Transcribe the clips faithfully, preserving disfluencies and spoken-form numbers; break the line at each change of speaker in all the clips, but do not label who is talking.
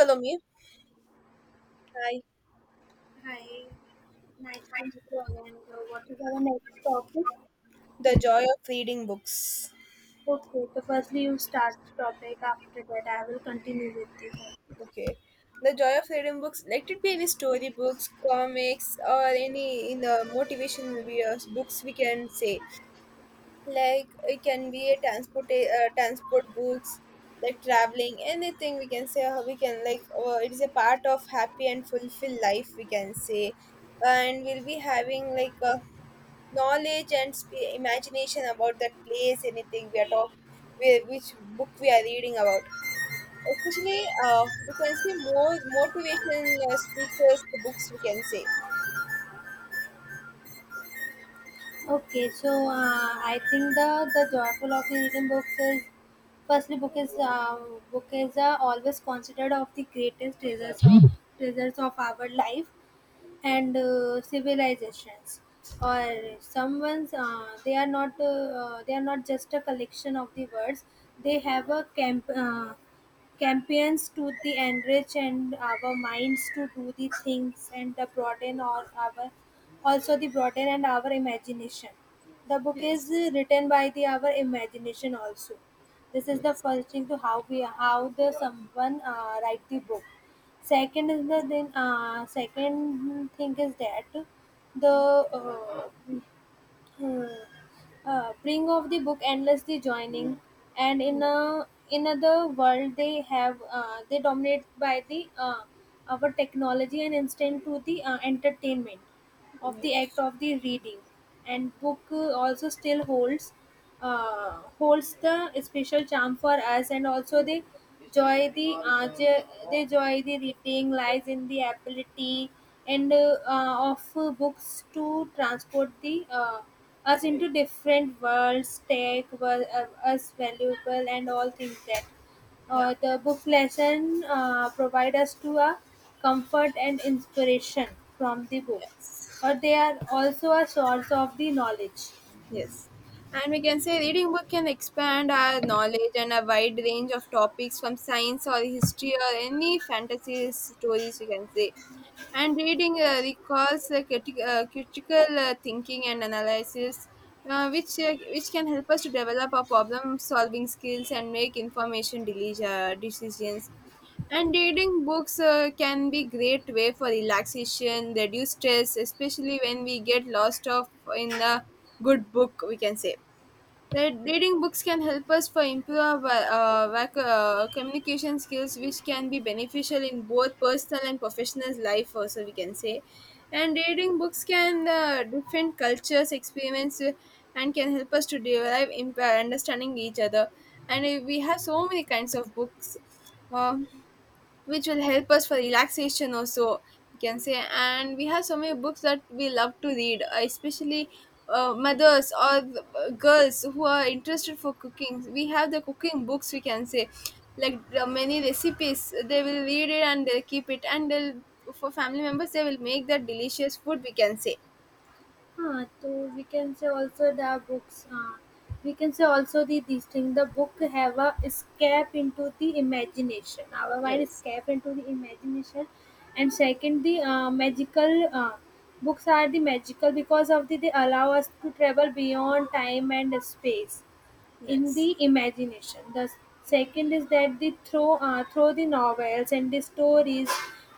Follow me. Hi.
Hi, nice to meet you again. So, what is our next topic?
The joy of reading books.
Okay, so firstly, you start the topic. After that, I will continue with you.
Okay. The joy of reading books. Let it be any storybooks, comics, or any in the motivation videos books we can say. Like it can be a transport uh, transport books, like traveling, anything we can say. How we can like uh, it is a part of happy and fulfilled life we can say, and we'll be having like a knowledge and sp- imagination about that place anything we are talking which book we are reading about especially uh, we can say more motivation uh, speakers the books we can say.
Okay, so uh, I think the the joyful of the reading books is firstly book is uh, book is uh, always considered of the greatest treasures of treasures of our life and uh, civilizations or someone's uh, they are not uh, uh, they are not just a collection of the words. They have a camp uh, campaigns to the enrich and our minds to do the things and the broaden or our also the broaden and our imagination. The book is uh, written by the our imagination also. This is the first thing to how we how the someone uh, write the book. Second is the then uh, second thing is that the uh, uh, uh, bring of the book endlessly joining, and in a in other world they have uh, they dominate by the uh, our technology and instant to the uh, entertainment of the act of the reading, and book uh, also still holds uh, holds the special charm for us, and also the joy the uh, jo- the joy the reading lies in the ability and uh, uh, of uh, books to transport the uh, us into different worlds, take wor- uh, us valuable and all things that uh, the book lesson uh, provide us to a comfort and inspiration from the book.
Yes.
Or they are also a source of the knowledge.
Yes. And we can say reading book can expand our knowledge and a wide range of topics from science or history or any fantasy stories we can say. And reading uh, recalls uh, criti- uh, critical uh, thinking and analysis, uh, which uh, which can help us to develop our problem solving skills and make information deli- uh, decisions. And reading books uh, can be great way for relaxation, reduce stress, especially when we get lost off in a good book, we can say. That reading books can help us for improve our uh, vac- uh, communication skills, which can be beneficial in both personal and professional life, also we can say. And reading books can uh, different cultures experience uh, and can help us to derive imp- understanding each other. And uh, we have so many kinds of books. Um, which will help us for relaxation also you can say, and we have so many books that we love to read uh, especially uh, mothers or the, uh, girls who are interested for cooking. We have the cooking books we can say, like uh, many recipes they will read it and they'll keep it and they'll for family members they will make that delicious food we can say.
Uh, so we can say also the books. Uh, we can say also the these thing. The book have a escape into the imagination. Our mind
Yes.
escape into the imagination, and second the uh, magical uh, books are the magical because of the they allow us to travel beyond time and space in
Yes.
the imagination. The second is that the throw uh, through the novels and the stories,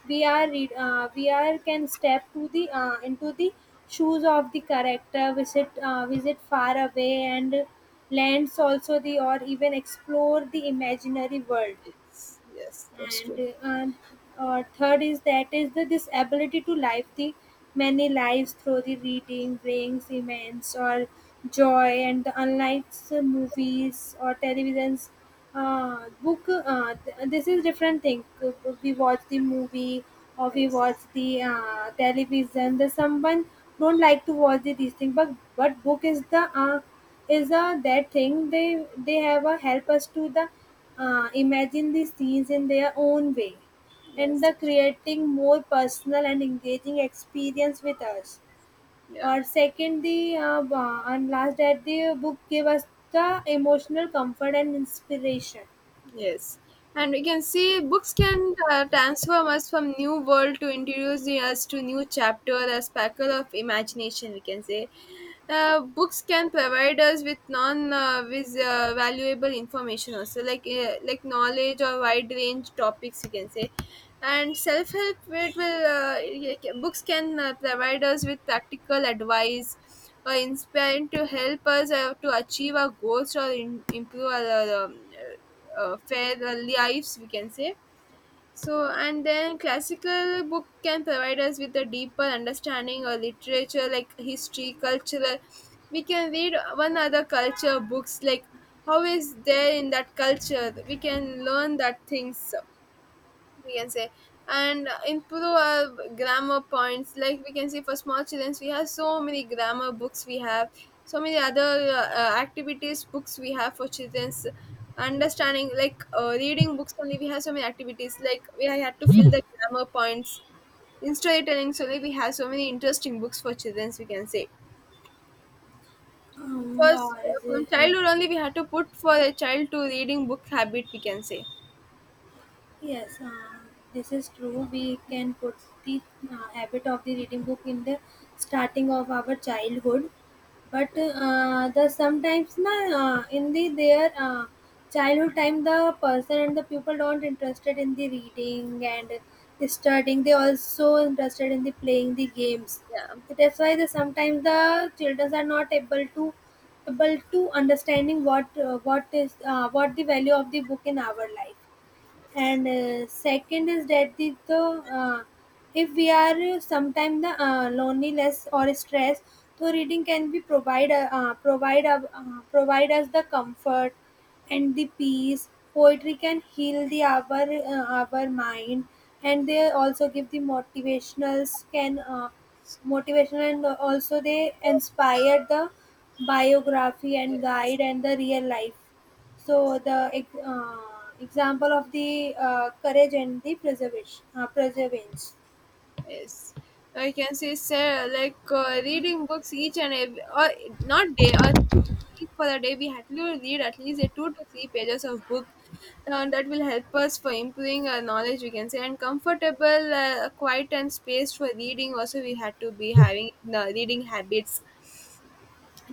we are read, uh, we are can step to the uh, into the shoes of the character, visit uh, visit far away and lands also the, or even explore the imaginary world. and uh, and, uh, Third is that is the this ability to live the many lives through the reading brings immense or joy, and the unlike uh, movies or televisions, uh, book uh, th- this is different thing. Uh, we watch the movie or we watch the uh, television, the someone don't like to watch the, these things, but but book is the uh, is a that thing they they have a help us to the uh, imagine the scenes in their own way, and
Yes,
the
that's true.
creating more personal and engaging experience with us.
Yeah.
Or second, the uh, uh, and last that the book gave us the emotional comfort and inspiration.
Yes, and we can see books can uh, transform us from new world to introduce us to new chapter, a sparkle of imagination. We can say, uh, books can provide us with non uh, with, uh, valuable information also, like uh, like knowledge or wide range topics you can say. And self help it will uh, y- y- books can uh, provide us with practical advice or inspiring to help us uh, to achieve our goals or in, improve our uh, um, uh, uh, fair uh, lives we can say. So, and then classical book can provide us with a deeper understanding of literature, like history, cultural. We can read one other culture books, like how is there in that culture. We can learn that things we can say. And uh, improve our grammar points, like we can see for small children we have so many grammar books, we have so many other uh, uh, activities books we have for children's understanding, like uh, reading books only we have so many activities like we had to fill the grammar points. In storytelling only we have so many interesting books for childrens, we can say.
Um,
First
uh,
uh, from childhood only we had to put for a child to reading book habit we can say.
Yes, uh, this is true. We can put the uh, habit of the reading book in the starting of our childhood, but
Like,
uh, the sometimes na uh, in the their uh, childhood time, the person and the people don't interested in the reading and the studying. They also interested in the playing the games.
yeah.
That's why the sometimes the children are not able to able to understanding what uh, what is uh, what the value of the book in our life,
Yes.
and uh, second is that the, the uh, if we are sometimes the uh, loneliness or stress, so reading can be provide uh, uh, provide uh, uh, provide us the comfort and the peace. Poetry can heal the our uh, our mind, and they also give the motivationals can uh, motivation, and also they inspire the biography and
Yes.
guide and the real life. so
Yes.
the ex- uh, Example of the uh, courage and the preservation, uh, preservance.
Yes, I can say, sir, like uh, reading books each and every, or not day, or week for a day, we had to read at least a two to three pages of book. Uh, that will help us for improving our knowledge, we can say, and comfortable, uh, quiet and space for reading. Also, we had to be having the reading habits,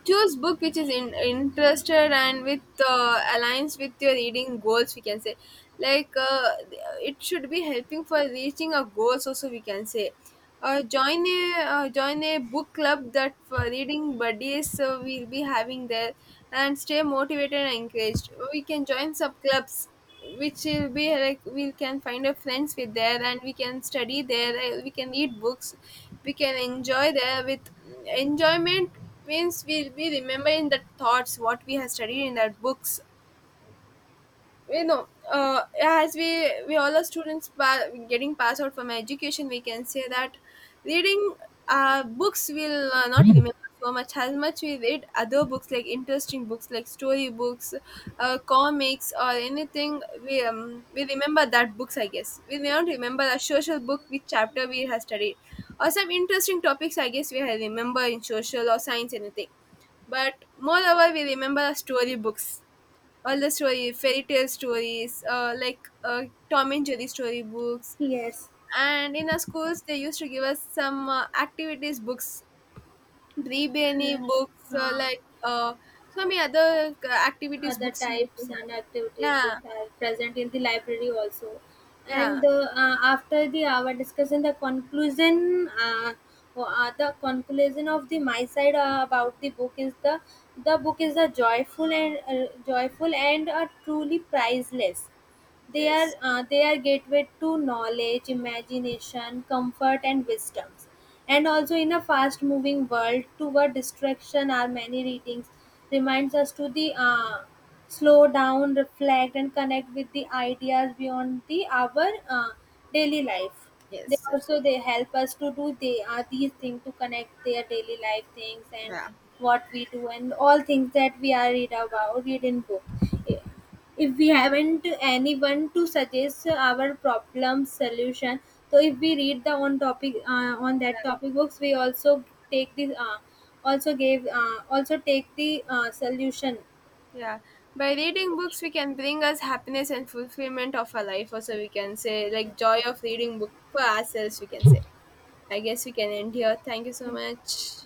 choose book which is in, interested and with uh, aligns with your reading goals we can say. like uh, it should be helping for reaching our goals also we can say. Uh, join a uh, join a book club that for reading buddies uh, we'll be having there, and stay motivated and encouraged. We can join sub clubs, which will be like we can find our friends with there and we can study there, uh, we can read books, we can enjoy there with enjoyment. Means we'll be remembering the thoughts what we have studied in our books, you know, uh, as we we all are students pa- getting passed out from education, we can say. That reading uh, books will uh, not remember so much as much. We read other books, like interesting books, like story books, uh, comics, or anything we um, we remember that books. I guess we may not remember a social book, which chapter we have studied or some interesting topics, I guess we have remember in social or science anything. But moreover we remember story books, all the story fairy tale stories, uh, like uh, Tom and Jerry story books.
Yes,
And in our schools they used to give us some uh, activities books, Rebani
yes.
books, uh,
Um,
like uh, so many other uh, activities
Other
books you used to
types
have.
and activities
Yeah.
which are present in the library also. And
Yeah.
the, uh, after the our discussion, the conclusion, uh, or, uh, the conclusion of the my side uh, about the book is the the book is a joyful and uh, joyful and a truly priceless. They are
Yes.
uh, they are gateway to knowledge, imagination, comfort, and wisdoms. And also, in a fast-moving world, toward distraction, our many readings reminds us to the uh, slow down, reflect, and connect with the ideas beyond the our uh, daily life. They
Yes, that's,
also they help us to do they are these things to connect their daily life things and
yeah.
what we do and all things that we are read about read in book. If we haven't anyone to suggest our problem solution, so if we read the on topic uh, on that topic books, we also take the uh, also gave uh, also take the uh, solution.
Yeah, by reading books we can bring us happiness and fulfillment of our life also, we can say, like joy of reading book for ourselves we can say. I guess we can end here. Thank you so much.